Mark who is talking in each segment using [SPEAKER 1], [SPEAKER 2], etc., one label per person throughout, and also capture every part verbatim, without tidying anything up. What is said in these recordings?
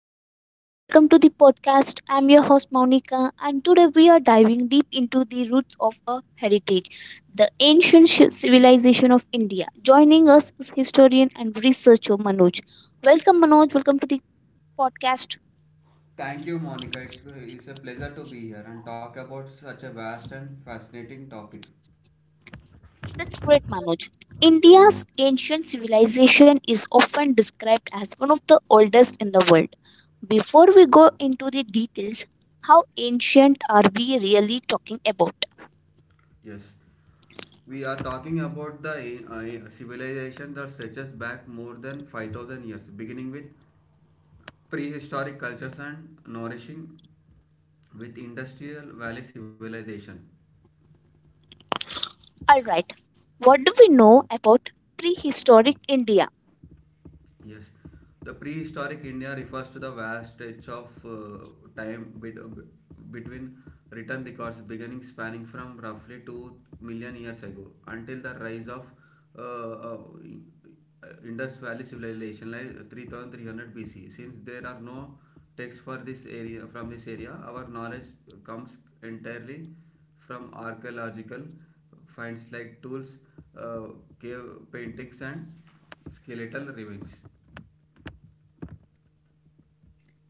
[SPEAKER 1] Hello everyone, welcome to the podcast. I'm your host Monica, and today we are diving deep into the roots of a heritage, the ancient shi- civilization of India. Joining us is historian and researcher Manoj. Welcome, Manoj. Welcome to the podcast.
[SPEAKER 2] Thank you, Monica. It's, it's a pleasure to be here and talk about such a vast and fascinating topic.
[SPEAKER 1] That's great, Manoj. India's ancient civilization is often described as one of the oldest in the world. Before we go into the details, how ancient are we really talking about?
[SPEAKER 2] Yes, we are talking about the uh, civilization that stretches back more than five thousand years, beginning with prehistoric cultures and nourishing with industrial valley civilization.
[SPEAKER 1] Alright, what do we know about prehistoric India?
[SPEAKER 2] Yes, the prehistoric India refers to the vast stretch of uh, time bet- between written records beginning spanning from roughly two million years ago until the rise of uh, uh, Indus Valley civilization like three thousand three hundred B C. Since there are no texts for this area from this area, our knowledge comes entirely from archaeological finds like tools, uh, cave paintings and skeletal remains.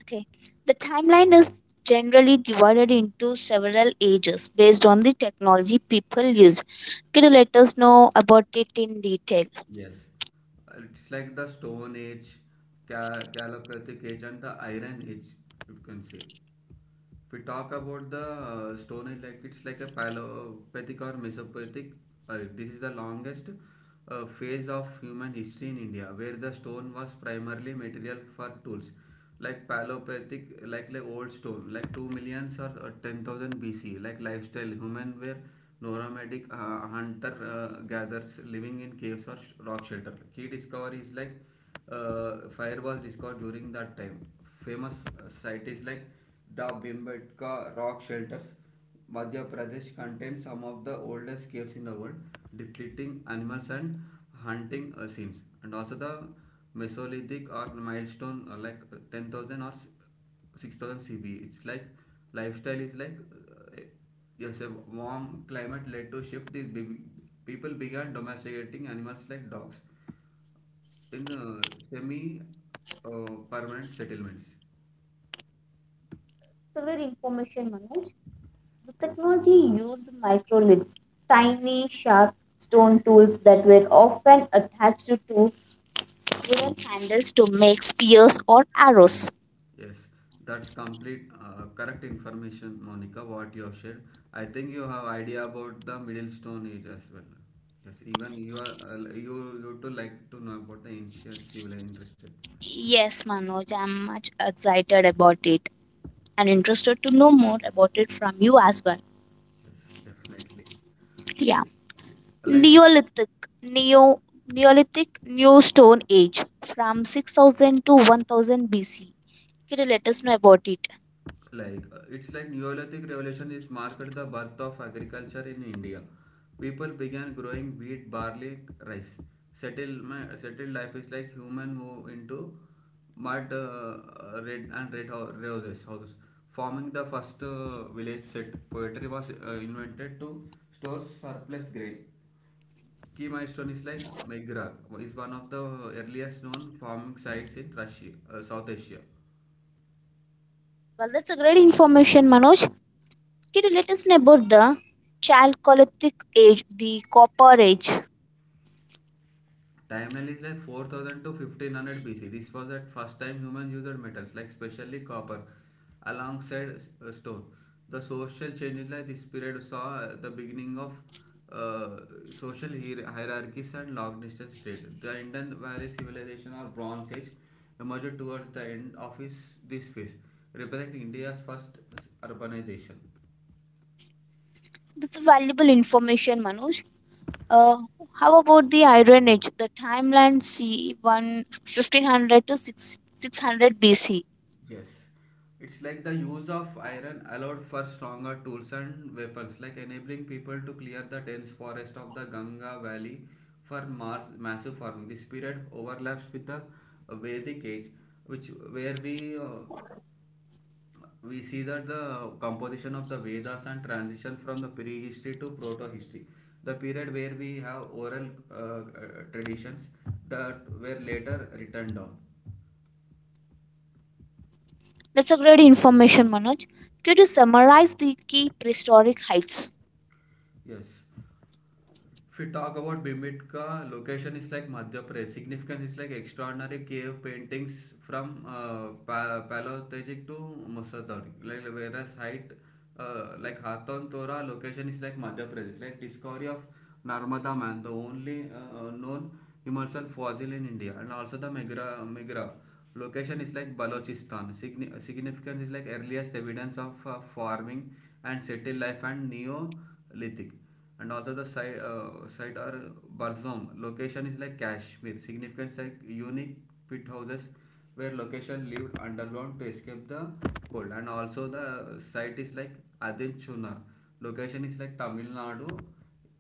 [SPEAKER 1] Okay, the timeline is generally divided into several ages based on the technology people used. Can you let us know about it in detail?
[SPEAKER 2] Yes. Uh, it's like the stone age, Ca- Calocratic age and the iron age, you can say. We talk about the uh, stone age like it's like a paleolithic or mesopathic. Uh, this is the longest uh, phase of human history in india where the stone was primarily material for tools like paleolithic, like like old stone, like two millions or uh, ten thousand bc. Like lifestyle, human were nomadic uh, hunter uh, gatherers living in caves or sh- rock shelter. Key discovery is like uh, fire was discovered during that time. Famous uh, site is like the Bhimbetka rock shelters, Madhya Pradesh, contains some of the oldest caves in the world, depicting animals and hunting uh, scenes. And also the Mesolithic or milestone, uh, like uh, ten thousand or six thousand C B E. It's like lifestyle is like uh, yes, a warm climate led to shift. These be- people began domesticating animals like dogs in uh, semi uh, permanent settlements.
[SPEAKER 1] Several information, Manoj. The technology used microliths, tiny sharp stone tools that were often attached to wooden handles to make spears or arrows.
[SPEAKER 2] Yes, that's complete uh, correct information, Monica. What you have shared, I think you have idea about the Middle Stone Age as well. Yes, even you are uh, you you too like to know about the ancient civil interested.
[SPEAKER 1] Yes, Manoj, I'm much excited about it. And interested to know more about it from you as well.
[SPEAKER 2] Yes, definitely. Yeah.
[SPEAKER 1] Yeah.
[SPEAKER 2] Like
[SPEAKER 1] Neolithic Neo Neolithic New Stone Age from six thousand to one thousand B C. Kitty, let us know about it.
[SPEAKER 2] like uh, it's like neolithic revolution is marked the birth of agriculture in india. People began growing wheat, barley, rice. Settlement settled life is like human move into mud uh, uh, red and red ho- roses house, forming the first uh, village. Set poetry was uh, invented to store surplus grain. Key milestone is like meghrad is one of the earliest known farming sites in russia, uh, south asia.
[SPEAKER 1] Well, that's a great information, Manoj. Kitty, let us know about the Chalcolithic Age, the Copper Age.
[SPEAKER 2] Timeline is like four thousand to fifteen hundred B C. This was the first time humans used metals like especially copper alongside uh, stone. The social changes like this period saw uh, the beginning of uh, social hierarchies and long distance trade. The Indus Valley Civilization or Bronze Age emerged towards the end of his, this phase, representing India's first urbanization.
[SPEAKER 1] That's valuable information, Manoj. Uh, how about the Iron Age? The timeline c one fifteen hundred to six, six hundred B C.
[SPEAKER 2] Yes, it's like the use of iron allowed for stronger tools and weapons, like enabling people to clear the dense forest of the Ganga Valley for mass- massive farming. This period overlaps with the Vedic age, which where we uh, we see that the composition of the Vedas and transition from the prehistory to proto-history, the period where we have oral uh, uh, traditions that were later written down.
[SPEAKER 1] That's a great information, Manoj. Could you summarize the key prehistoric heights?
[SPEAKER 2] Yes. If we talk about Bimitka, location is like Madhya Pradesh. Significance is like extraordinary cave paintings from uh, pa- Paleolithic to Mesozoic. Like whereas height, uh, like Hathorn Tora, location is like Madhya Pradesh. Like discovery of Narmada Man, the only uh, known Himalayan fossil in India, and also the Megra Megra. Location is like Balochistan. Signi- significance is like earliest evidence of uh, farming and settled life and Neolithic. And also the site uh, site are Barzom. Location is like Kashmir. Significance like unique pit houses where location lived underground to escape the cold. And also the site is like Adin Chunar. Location is like Tamil Nadu.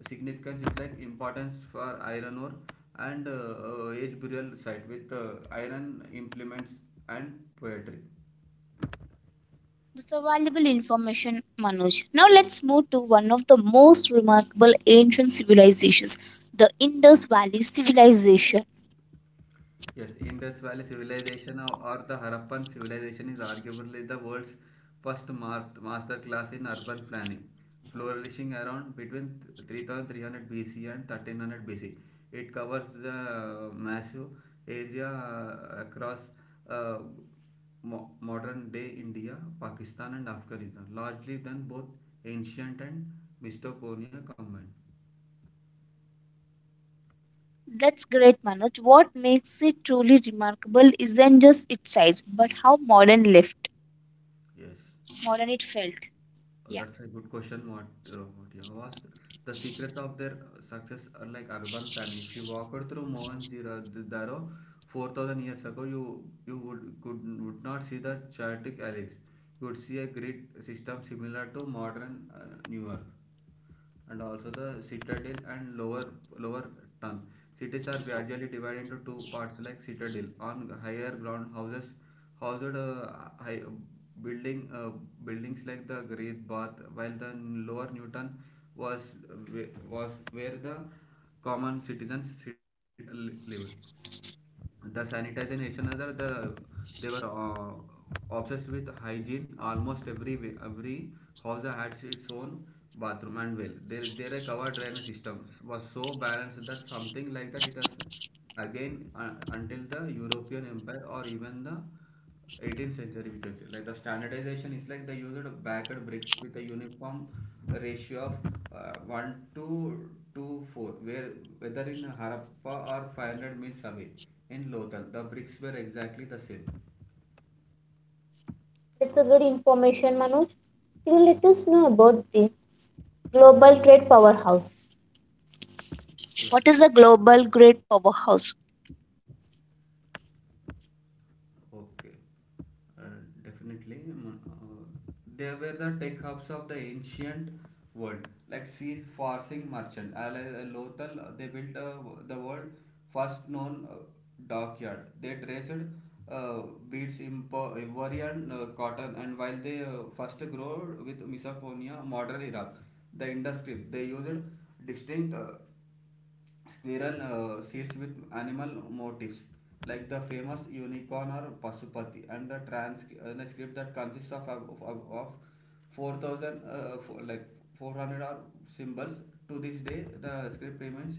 [SPEAKER 2] Significance is like importance for iron ore and uh, uh, age burial site with uh, iron implements and poetry.
[SPEAKER 1] That's a valuable information, Manoj. Now let's move to one of the most remarkable ancient civilizations, the Indus Valley Civilization.
[SPEAKER 2] Yes, Indus Valley Civilization or or the Harappan Civilization is arguably the world's first mar- masterclass in urban planning, flourishing around between three thousand three hundred B C and thirteen hundred B C. It covers the uh, massive area uh, across uh, mo- modern day India, Pakistan, and Afghanistan, largely than both ancient and Mesopotamia combined.
[SPEAKER 1] That's great, Manoj. What makes it truly remarkable isn't just its size, but how modern left,
[SPEAKER 2] Yes.
[SPEAKER 1] modern it felt.
[SPEAKER 2] Uh,
[SPEAKER 1] Yeah.
[SPEAKER 2] That's a good question. What uh, what you have asked. The secret of their success are like urban planning. If you walk walked through Mohenjo-daro four thousand years ago, you you would could would not see the chaotic alleys. You would see a grid system similar to modern uh, New York, and also the citadel and lower lower town. Cities are gradually divided into two parts like citadel on higher ground, houses housed uh, high building uh, buildings like the Great Bath, while the lower Newton was was where the common citizens sit- live. The sanitization, other the they were uh, obsessed with hygiene. Almost every every house had its own bathroom and well. Their their covered drainage systems was so balanced that something like that, it has again uh, until the european empire or even the eighteenth century, we can say. Like the standardization is like they used backed bricks with a uniform ratio of uh, one to two four, where whether in harappa or five hundred miles away in lothal, the bricks were exactly the same.
[SPEAKER 1] That's a good information, Manoj. Can you let us know about the global trade powerhouse? What
[SPEAKER 2] Yes.
[SPEAKER 1] is a global trade powerhouse?
[SPEAKER 2] Okay. Uh, definitely. Mm, Uh, they were the tech hubs of the ancient world, like sea seafaring merchant. Uh, like, uh, Lothal, uh, they built uh, the world first known uh, dockyard. They traced uh, beads, impo- Ivorian uh, cotton, and while they uh, first grew with Mesopotamia, modern Iraq, the industry, they used distinct uh, Squirrel uh, seals with animal motifs like the famous unicorn or Pasupati. And the transcript that consists of, of, of, of four thousand, uh, four, like four hundred or symbols. To this day the script remains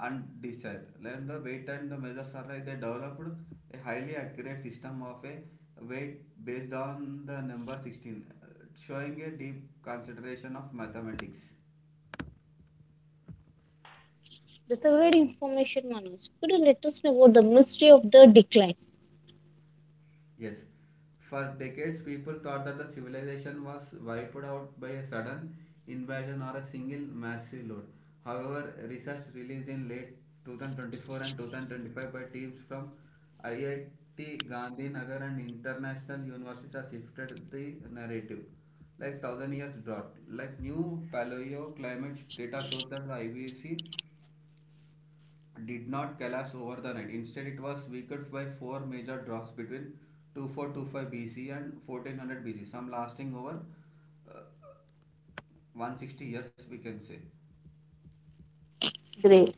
[SPEAKER 2] undecided. Like the weight and the measures are like they developed a highly accurate system of a weight based on the number sixteen, uh, showing a deep consideration of mathematics.
[SPEAKER 1] That's a great information, Manoj. Could you let us know about the mystery of the decline?
[SPEAKER 2] Yes, for decades people thought that the civilization was wiped out by a sudden invasion or a single massive load. However, research released in late twenty twenty-four and twenty twenty-five by teams from I I T Gandhinagar and international universities has shifted the narrative. Like thousand years drought, like new paleoclimate data shows that the I B C did not collapse over the night. Instead, it was weakened by four major droughts between twenty-four twenty-five B C and fourteen hundred B C, some lasting over uh, one hundred sixty years, we can say.
[SPEAKER 1] Great.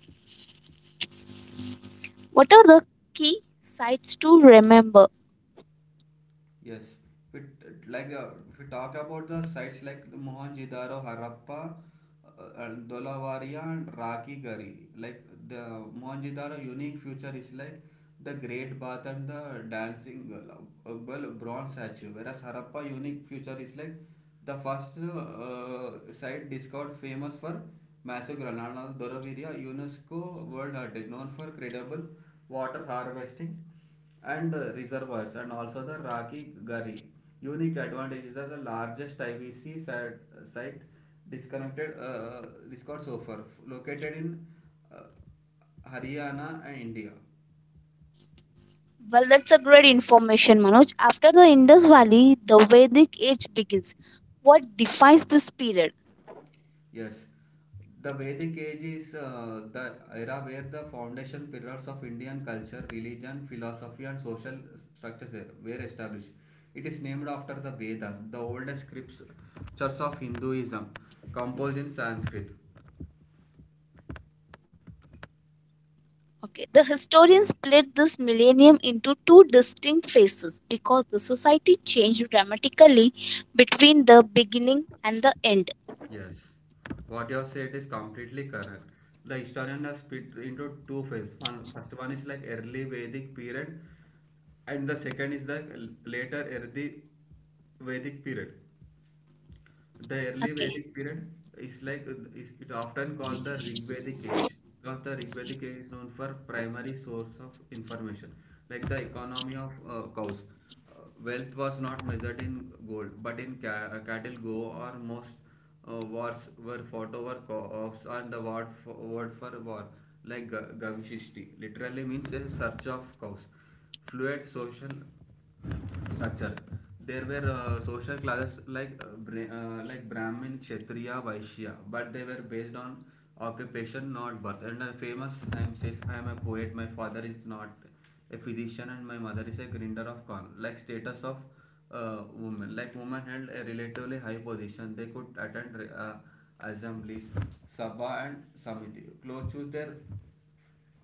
[SPEAKER 1] What are the key sites to remember?
[SPEAKER 2] Yes, if it, like uh, if we talk about the sites like the Mohenjo-daro, Harappa, uh, and Dolavaria, and Raki. Like the Mohenjo-daro unique feature is like the Great Bath and the dancing, uh, well, bronze statue, whereas Harappa unique feature is like the first uh, site discovered, famous for massive granite. Dolavaria, UNESCO World Heritage, known for credible water harvesting and uh, reservoirs, and also the Raki Gully. Unique advantages are the largest I B C site, site, disconnected, uh, discourse offer located in uh, Haryana and India.
[SPEAKER 1] Well, that's a great information, Manoj. After the Indus Valley, the Vedic age begins. What defines this period?
[SPEAKER 2] Yes, the Vedic age is uh, the era where the foundation pillars of Indian culture, religion, philosophy, and social structures were established. It is named after the Vedas, the oldest scriptures of Hinduism, composed in Sanskrit.
[SPEAKER 1] Okay, the historians split this millennium into two distinct phases because the society changed dramatically between the beginning and the end.
[SPEAKER 2] Yes, what you have said is completely correct. The historian has split into two phases. One, first one is like early Vedic period, and the second is the l- later early Vedic period. The early
[SPEAKER 1] Okay,
[SPEAKER 2] Vedic period is like, is it often called the Rig Vedic age, because the Rig Vedic age is known for primary source of information, like the economy of uh, cows. Uh, wealth was not measured in gold, but in ca- uh, cattle go, or most uh, wars were fought over cows, and the word for, word for war, like ga- gavishishti, literally means a search of cows. Fluid social structure. There were uh, social classes like uh, Bra- uh, like Brahmin, Kshatriya, Vaishya, but they were based on occupation, not birth. And a famous hymn says, "I am a poet. My father is not a physician, and my mother is a grinder of corn." Like status of uh, women, like women held a relatively high position. They could attend re- uh, assemblies, sabha, and samiti. Clothes choose their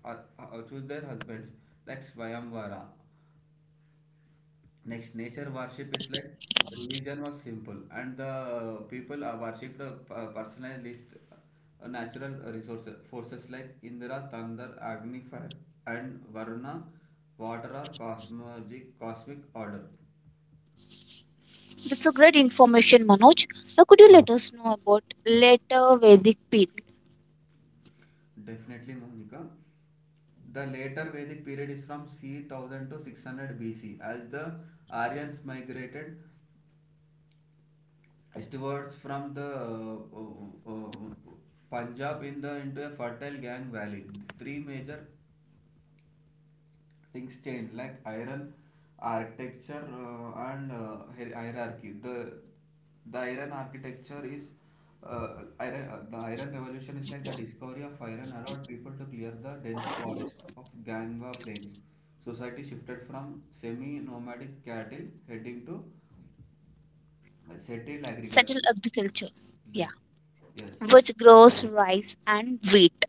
[SPEAKER 2] uh, uh, choose their husbands like Swayamvara. Next, nature worship is like religion was simple, and the people are worshipped uh, p- personalized uh, natural resources forces like Indra, Thunder, Agni, Fire, and Varuna, water or cosmologic cosmic order.
[SPEAKER 1] That's a great information, Manoj. Now, could you let us know about later Vedic period,
[SPEAKER 2] Definitely, Monica. The later Vedic period is from c one thousand to six hundred B C as the Aryans migrated eastwards from the uh, uh, uh, Punjab in the into a fertile Gang Valley. Three major things change like iron architecture uh, and uh, hier- hierarchy. The the iron architecture is uh, iron, uh, the iron revolution is like the discovery of iron allowed people to clear the dense forest of ganga plains. Society shifted from semi nomadic cattle heading to uh, settled
[SPEAKER 1] settled
[SPEAKER 2] agriculture,
[SPEAKER 1] agriculture?
[SPEAKER 2] like,
[SPEAKER 1] Yeah,
[SPEAKER 2] yes.
[SPEAKER 1] which grows rice and wheat.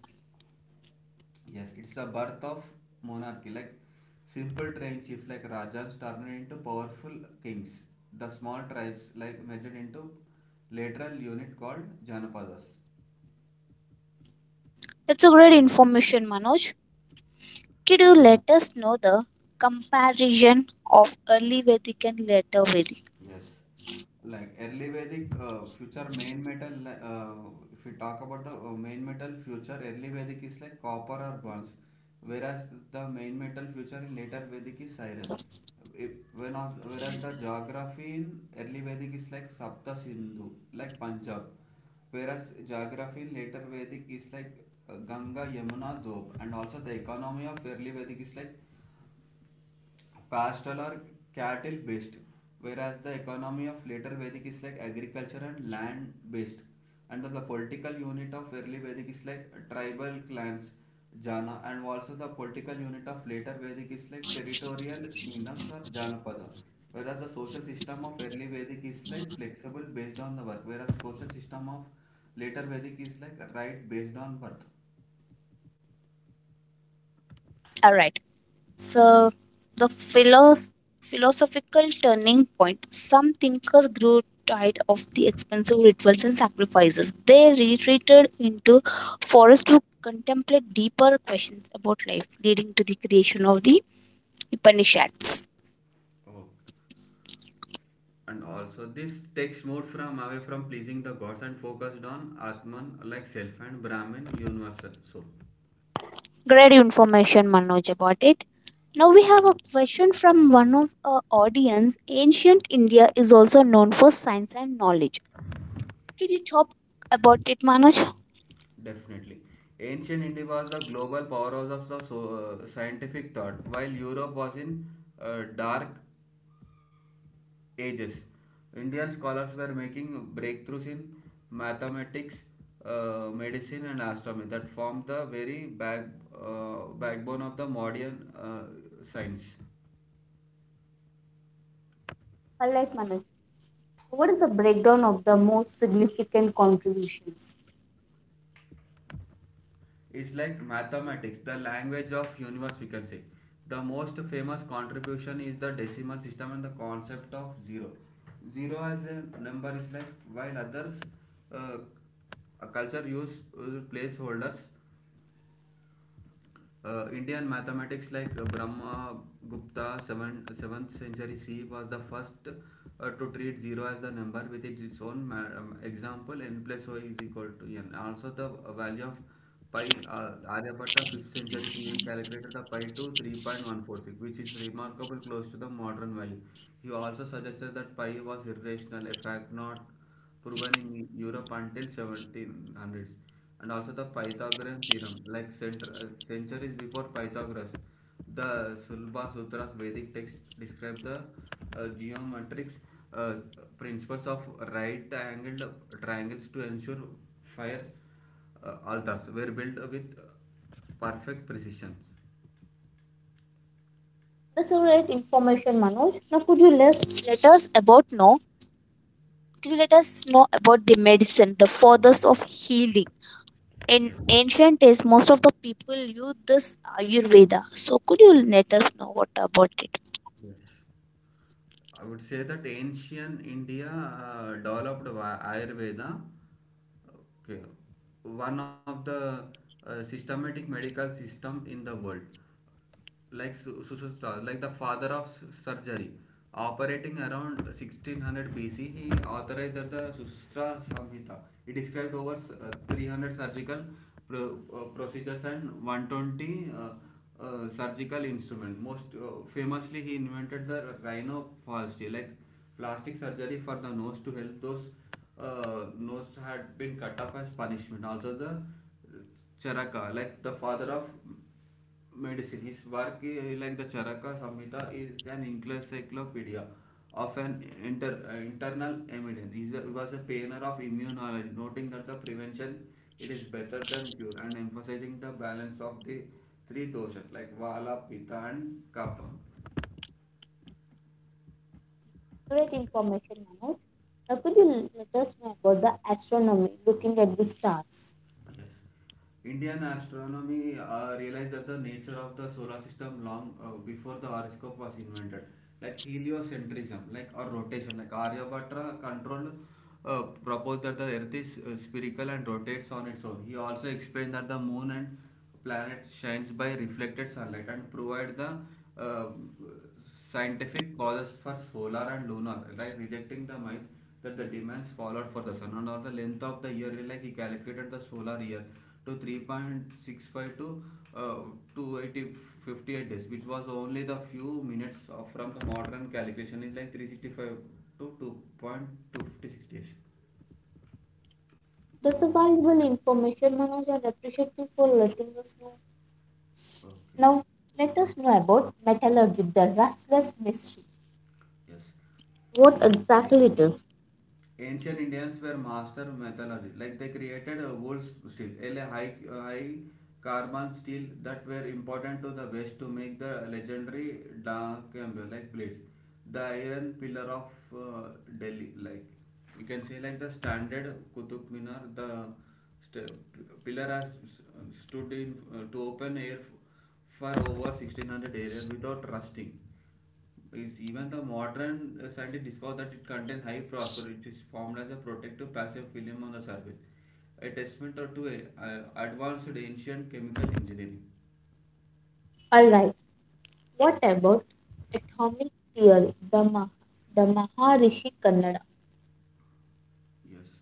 [SPEAKER 2] Yes, it's a birth of monarchy. Like simple trained chief like Rajas turned into powerful kings. The small tribes like measured into lateral unit called Janapadas.
[SPEAKER 1] That's a great information, Manoj. Could you let us know the comparison of early Vedic and later Vedic?
[SPEAKER 2] Yes. Like early Vedic uh, future main metal, li- uh, if you talk about the uh, main metal future, early Vedic is like copper or bronze, whereas the main metal future in later Vedic is iron. If, when, as- Whereas the geography in early Vedic is like Sapta Sindhu, like Punjab, whereas geography in later Vedic is like uh, Ganga, Yamuna, Dob, and also the economy of early Vedic is like pastoral or cattle based, whereas the economy of later Vedic is like agriculture and land based, and the political unit of early Vedic is like tribal clans, jana, and also the political unit of later Vedic is like territorial kingdoms or janapada. Whereas the social system of early Vedic is like flexible based on the work, whereas social system of later Vedic is like right based on birth.
[SPEAKER 1] All right. So the philos- philosophical turning point. Some thinkers grew tired of the expensive rituals and sacrifices. They retreated into forests to contemplate deeper questions about life, leading to the creation of the Upanishads.
[SPEAKER 2] Okay. And also, this takes more from away from pleasing the gods and focused on Atman like self and Brahman universal soul.
[SPEAKER 1] Great information, Manoj, about it. Now we have a question from one of our audience. Ancient India is also known for science and knowledge. Can you talk about it, Manoj?
[SPEAKER 2] Definitely. Ancient India was the global powerhouse of the so, uh, scientific thought, while Europe was in uh, dark ages. Indian scholars were making breakthroughs in mathematics, uh, medicine, and astronomy that formed the very back, uh, backbone of the modern uh, science.
[SPEAKER 1] All right, Manoj. What is the breakdown of the most significant contributions?
[SPEAKER 2] It's like mathematics, the language of universe we can say. The most famous contribution is the decimal system and the concept of zero. Zero as a number is like while others uh, a culture use uh, placeholders uh, Indian mathematics like uh, Brahma Gupta seventh century C E was the first uh, to treat zero as the number with its own um, example n plus o is equal to n. Also the value of pi uh, Aryabhatta fifth century C E calculated the pi to three point one four six, which is remarkable close to the modern value. He also suggested that pi was irrational, a fact not proven in Europe until seventeen hundreds. And also the Pythagorean theorem, like cent- uh, centuries before Pythagoras, the Sulba Sutras Vedic text describe the uh, geometric uh, principles of right-angled triangles to ensure fire uh, altars were built with perfect precision.
[SPEAKER 1] That's all right information, Manoj. Now, could you let, let us about know? Could you let us know about the medicine, the fathers of healing? In
[SPEAKER 2] Yes.
[SPEAKER 1] ancient days, most of the people used this Ayurveda. So, could you let us know what about it?
[SPEAKER 2] yes. I would say that ancient India uh, developed Va- Ayurveda, okay, one of the uh, systematic medical systems in the world. Like Sushruta, like the father of surgery. Operating around sixteen hundred B C, he authorized the Sushruta Samhita. He described over uh, three hundred surgical pro- uh, procedures and one hundred twenty uh, uh, surgical instruments. Most uh, famously, he invented the rhinoplasty, like plastic surgery for the nose to help those uh, nose had been cut off as punishment. Also, the Charaka, like the father of medicine. His work, eh, like the Charaka Samhita, is an encyclopedia of an inter, uh, internal evidence. He is a- was a pioneer of immunology, noting that the prevention it is better than cure and emphasizing the balance of the three doshas like Vala, Pitta, and Kapha.
[SPEAKER 1] Great information, Manoj. Now, could you let us know about the astronomy, looking at the stars?
[SPEAKER 2] Yes. Indian astronomy uh, realized that the nature of the solar system long uh, before the horoscope was invented. Like heliocentrism, like or rotation, like Aryabhata controlled uh, proposed that the Earth is uh, spherical and rotates on its own. He also explained that the moon and planet shines by reflected sunlight and provide the uh, scientific causes for solar and lunar, right? Rejecting the myth that the demands followed for the sun and on the length of the year, like he calculated the solar year to three point six five to uh, two hundred eighty days, which was only the few minutes of, from the modern calculation is like three hundred sixty-five to two point two five six days.
[SPEAKER 1] That's a valuable information, Manoj, and appreciate you for letting us know.
[SPEAKER 2] Okay.
[SPEAKER 1] Now, let us know about metallurgy, the restless mystery.
[SPEAKER 2] Yes.
[SPEAKER 1] What exactly it is?
[SPEAKER 2] Ancient Indians were master metallurgy. Like they created uh, wool steel, a high, uh, high carbon steel that were important to the West to make the legendary Dakembe like blades. The iron pillar of uh, Delhi, like you can say, like the standard Qutub Minar, the st- pillar has stood in uh, to open air for over sixteen hundred years without rusting. Is even the modern uh, scientists discover that it contains high phosphorus, which is formed as a protective passive film on the surface, a testament to a, uh, advanced ancient chemical engineering.
[SPEAKER 1] Alright, what about atomic theory, the, Mah- the Maharishi Kannada?
[SPEAKER 2] Yes,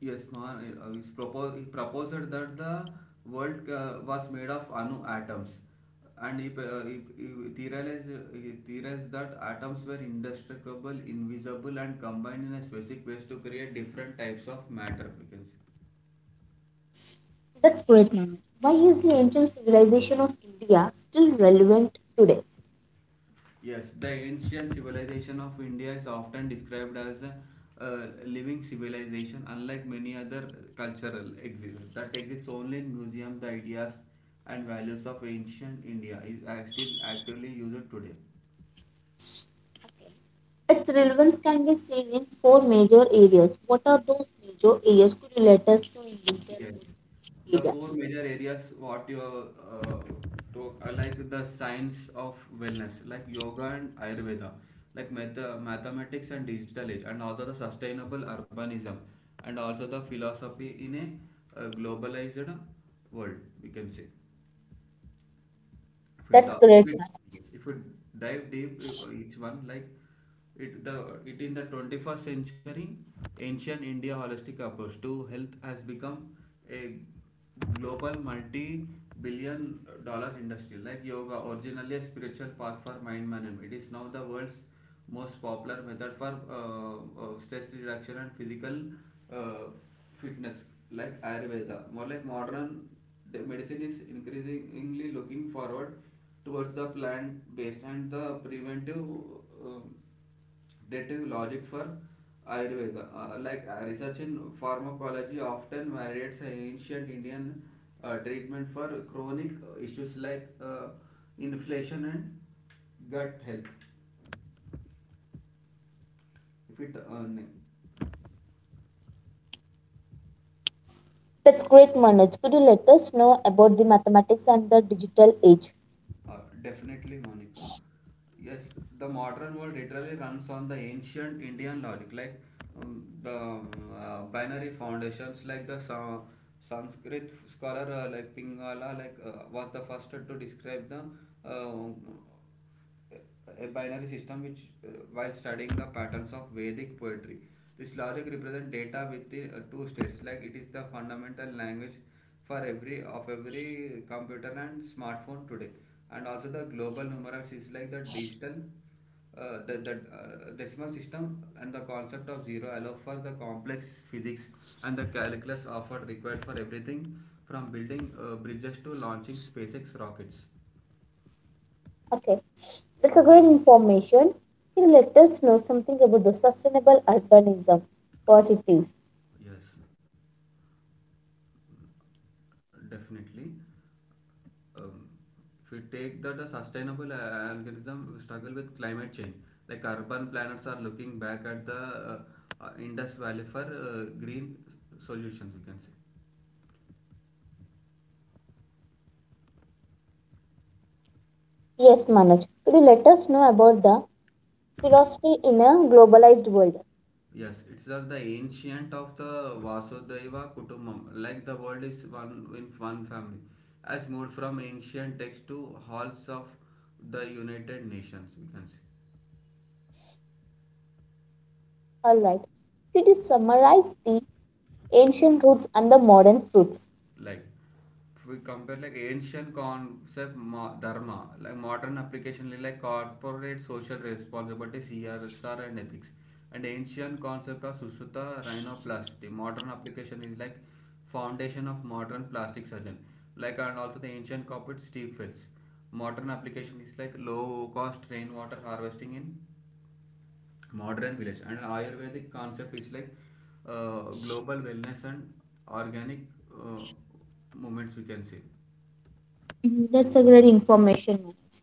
[SPEAKER 2] yes, man. Uh, he, proposed, he proposed that the world uh, was made of anu atoms, and he, uh, he, he theorized he theorized that atoms were indestructible, invisible, and combined in a specific ways to create different types of matter. We can say.
[SPEAKER 1] That's great, Manu. Why is the realization of India still relevant today?
[SPEAKER 2] Yes, the ancient civilization of India is often described as a, uh, living civilization, unlike many other cultural exhibits that exists only in museums. The ideas and values of ancient India is are still actively used today.
[SPEAKER 1] Its relevance can be seen in four major areas. What are those major areas? Could you let us know in detail
[SPEAKER 2] Yes,
[SPEAKER 1] about the
[SPEAKER 2] the four
[SPEAKER 1] areas?
[SPEAKER 2] major areas what you uh, talk are like the science of wellness, like yoga and Ayurveda, like math- mathematics and digital age, and also the sustainable urbanism, and also the philosophy in a uh, globalized world, we can say if we
[SPEAKER 1] That's
[SPEAKER 2] talk if
[SPEAKER 1] great,
[SPEAKER 2] we,
[SPEAKER 1] Manoj.
[SPEAKER 2] if we dive deep uh, each one like it the it in the twenty-first century ancient india holistic approach to health has become a global multi billion dollar industry. Like yoga, originally a spiritual path for mind management, it is now the world's most popular method for uh, uh, stress reduction and physical uh, fitness. Like Ayurveda, more like modern medicine is increasingly looking forward towards the plant based and the preventive uh, dative logic for Ayurveda. Uh, like uh, research in pharmacology often validates ancient indian uh, treatment for chronic uh, issues like uh, inflation and gut health. If it uh,
[SPEAKER 1] That's great, Manoj. Could you let us know about the mathematics and the digital age?
[SPEAKER 2] Uh, definitely, Monica. Yes, the modern world literally runs on the ancient Indian logic, like um, the um, uh, binary foundations, like the Sa- Sanskrit scholar uh, like Pingala, like uh, was the first to describe the uh, a binary system, which uh, while studying the patterns of Vedic poetry. This logic represents data with the uh, two states, like it is the fundamental language for every of every computer and smartphone today. And also the global numerals is like the digital, uh, the, the uh, decimal system and the concept of zero allow for the complex physics and the calculus offered required for everything from building uh, bridges to launching SpaceX rockets.
[SPEAKER 1] Okay. That's a great information. Can you let us know something about the sustainable urbanism? What it is?
[SPEAKER 2] Yes, definitely. um, if we take that the sustainable uh, algorithm struggle with climate change, like urban planners are looking back at the uh, uh, indus valley for uh, green solutions, we can say.
[SPEAKER 1] Yes, Manoj. Could you let us know about the philosophy in a globalized world?
[SPEAKER 2] Yes, it's uh, the ancient of the vasudeva kutumbam, like the world is one in one family, as moved from ancient text to halls of the United Nations, we can say.
[SPEAKER 1] All right. Could you summarize the ancient roots and the modern fruits?
[SPEAKER 2] Like if we compare like ancient concept dharma like modern application like corporate social responsibility CSR and ethics, and ancient concept of sushruta rhinoplasty modern application is like foundation of modern plastic surgeon. Like and also the ancient corporate steep fields, modern application is like low cost rainwater harvesting in modern village, and ayurvedic concept is like uh, global wellness and organic uh, movements, we can say.
[SPEAKER 1] Mhm, That's a great information, Manoj.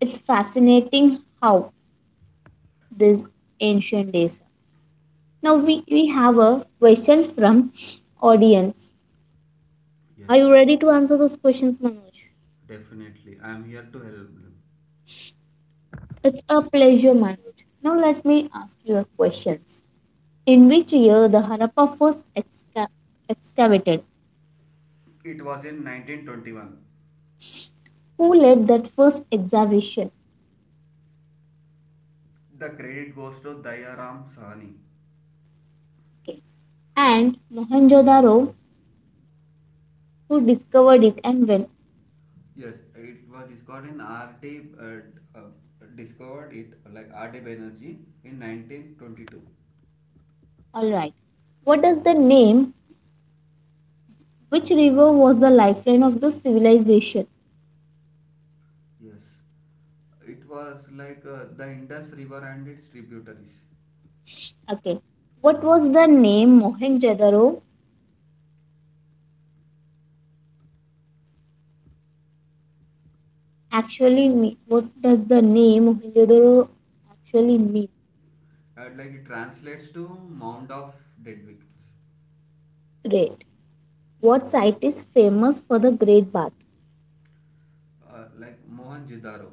[SPEAKER 1] It's fascinating how these ancient days. Now
[SPEAKER 2] Yes,
[SPEAKER 1] we, we have a question from audience.
[SPEAKER 2] yes
[SPEAKER 1] Are you ready to answer those questions, Manoj?
[SPEAKER 2] definitely I am here to help them.
[SPEAKER 1] It's a pleasure, Manoj. Now let me ask you a question. In which year the Harappa first exca- excavated?
[SPEAKER 2] It was in nineteen twenty-one.
[SPEAKER 1] Who led that first excavation?
[SPEAKER 2] The credit goes to Dayaram Sahni.
[SPEAKER 1] Okay. And Mohenjo-daro, who discovered it and when?
[SPEAKER 2] Yes, it was discovered in rt uh, uh, discovered it like RT Banerjee in nineteen twenty-two.
[SPEAKER 1] All right. What does the name? Which river was the lifeline of the civilization?
[SPEAKER 2] Yes, it was like uh, the Indus river and its tributaries.
[SPEAKER 1] Okay. What was the name Mohenjo-daro actually mean? What does the name Mohenjo-daro actually mean?
[SPEAKER 2] Uh, like it translates to Mound of Dead Victims.
[SPEAKER 1] Great. What site is famous for the Great Bath?
[SPEAKER 2] Uh, like Mohan Jidaro.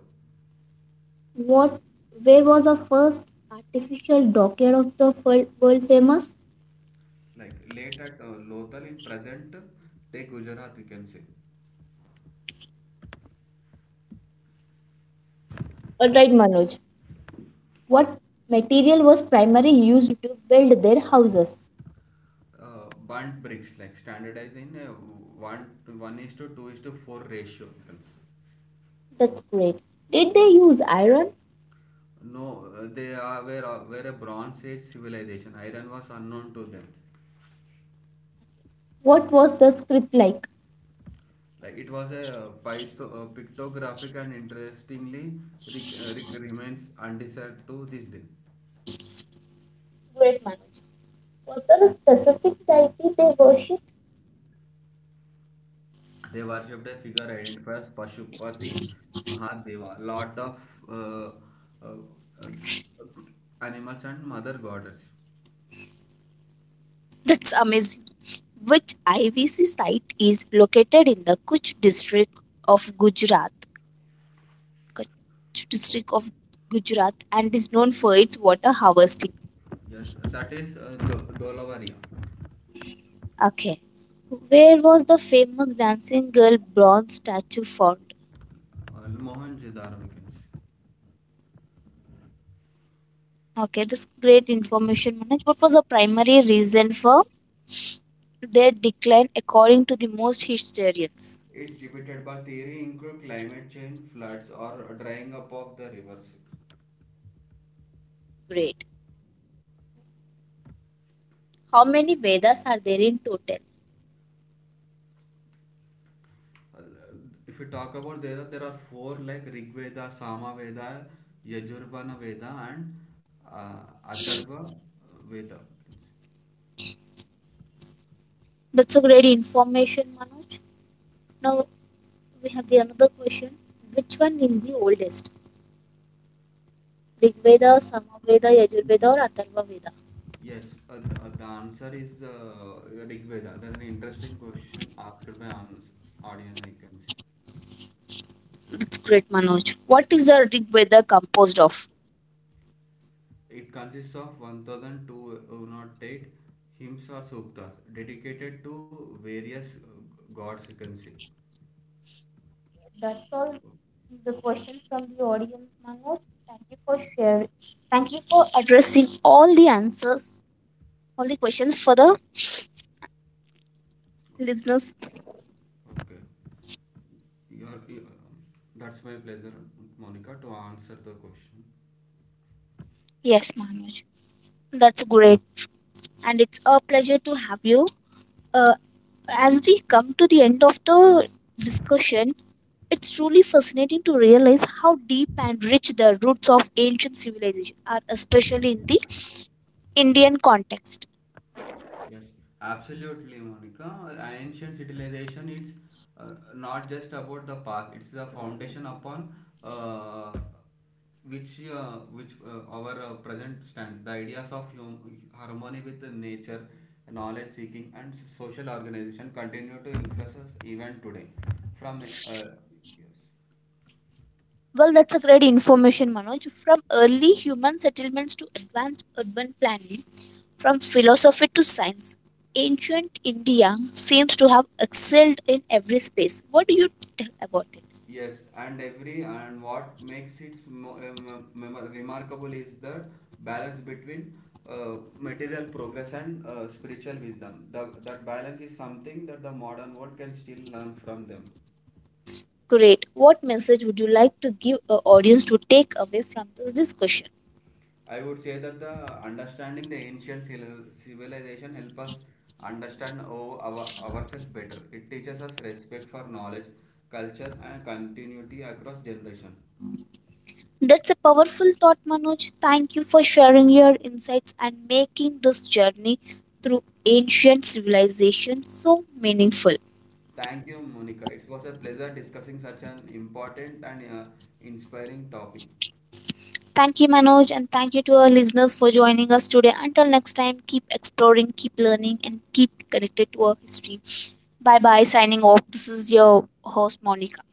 [SPEAKER 1] What where was the first artificial dockyard of the fol- world famous?
[SPEAKER 2] Like late at uh, Lothal in present day Gujarat, we can say.
[SPEAKER 1] All right, Manoj. What material was primarily used to build their houses?
[SPEAKER 2] Uh, burnt bricks, like standardized in a one to one is to two is to four ratio.
[SPEAKER 1] That's great. Did they use iron?
[SPEAKER 2] No, uh, they are were, uh, were a Bronze Age civilization. Iron was unknown to them.
[SPEAKER 1] What was the script like?
[SPEAKER 2] Like it was a uh, pictographic and interestingly rec- uh, rec- remains undiscovered to this day.
[SPEAKER 1] Great, Manoj. Was there a specific deity they worshipped?
[SPEAKER 2] They worshipped a figure identified as Pashupati Mahadeva, Lord of uh, uh, uh, Animals and Mother Goddess.
[SPEAKER 1] That's amazing. Which I V C site is located in the Kutch district of Gujarat? Kutch district
[SPEAKER 2] Okay.
[SPEAKER 1] of Gujarat and is known for its water harvesting.
[SPEAKER 2] Yes, that is uh, Do- Dolavaria,
[SPEAKER 1] Okay. Where was the famous dancing girl bronze statue found?
[SPEAKER 2] or Mohenjo-daro we can say.
[SPEAKER 1] Okay, this great information, Manoj. What was the primary reason for their decline according to the most historians?
[SPEAKER 2] Its debatable theory include climate change, floods, or drying up of the rivers.
[SPEAKER 1] Great. How many Vedas are there in total?
[SPEAKER 2] Uh, If you talk about there, are- there are four, like Rig Veda, Sama Veda, Yajurvana Veda, and uh, Atharva Veda. We can say.
[SPEAKER 1] That's a great information, Manoj. Now we have the another question. Which one is the oldest? Rig Veda,
[SPEAKER 2] Yes.
[SPEAKER 1] Samaveda, Yajur Veda, or Atharva Veda?
[SPEAKER 2] Yes, uh, the, uh, The answer is uh, Rig Veda. That's an interesting question asked by ans- audience, I can say.
[SPEAKER 1] That's great, Manoj. What is a rig weather composed of?
[SPEAKER 2] It consists of one thousand two hundred eight hymns or suktas dedicated to various uh, gods, you can say.
[SPEAKER 1] That's all
[SPEAKER 2] Okay.
[SPEAKER 1] the questions from the audience, Manoj. Thank you for sharing. Thank you for addressing all the answers. All the questions for the listeners?
[SPEAKER 2] Okay. Your, your- um, that's my pleasure, Monica, to answer the question.
[SPEAKER 1] Yes, Manoj. That's great. And it's a pleasure to have you. Uh, as we come to the end of the discussion, it's truly fascinating to realize how deep and rich the roots of ancient civilization are, especially in the Indian context.
[SPEAKER 2] Yes, absolutely, Monica. Ancient civilization is uh, not just about the past; it's the foundation upon uh, which uh, which uh, our uh, present stands. The ideas of hum- harmony with the nature, knowledge seeking, and social organization continue to influence us even today. From uh, yes.
[SPEAKER 1] Well, that's a great information, Manoj. From early human settlements to advanced urban planning, from philosophy to science, ancient India seems to have excelled in every space. What do you tell about it?
[SPEAKER 2] Yes, and every and what makes it mo- um, mem- remarkable is the balance between uh, material progress and uh, spiritual wisdom. The, that balance is something that the modern world can still learn from them.
[SPEAKER 1] Great. What message would you like to give our audience to take away from this discussion?
[SPEAKER 2] I would say that the understanding the ancient civil- civilization help us understand our, our ourselves better. It teaches us respect for knowledge, culture, and continuity across generation.
[SPEAKER 1] That's a powerful thought, Manoj. Thank you for sharing your insights and making this journey through ancient civilization so meaningful.
[SPEAKER 2] Thank you, Monica. It was a pleasure discussing such an important and uh, inspiring topic.
[SPEAKER 1] Thank you, Manoj, and thank you to our listeners for joining us today. Until next time, keep exploring, keep learning, and keep connected to our history. Bye bye, signing off. This is your host, Monica.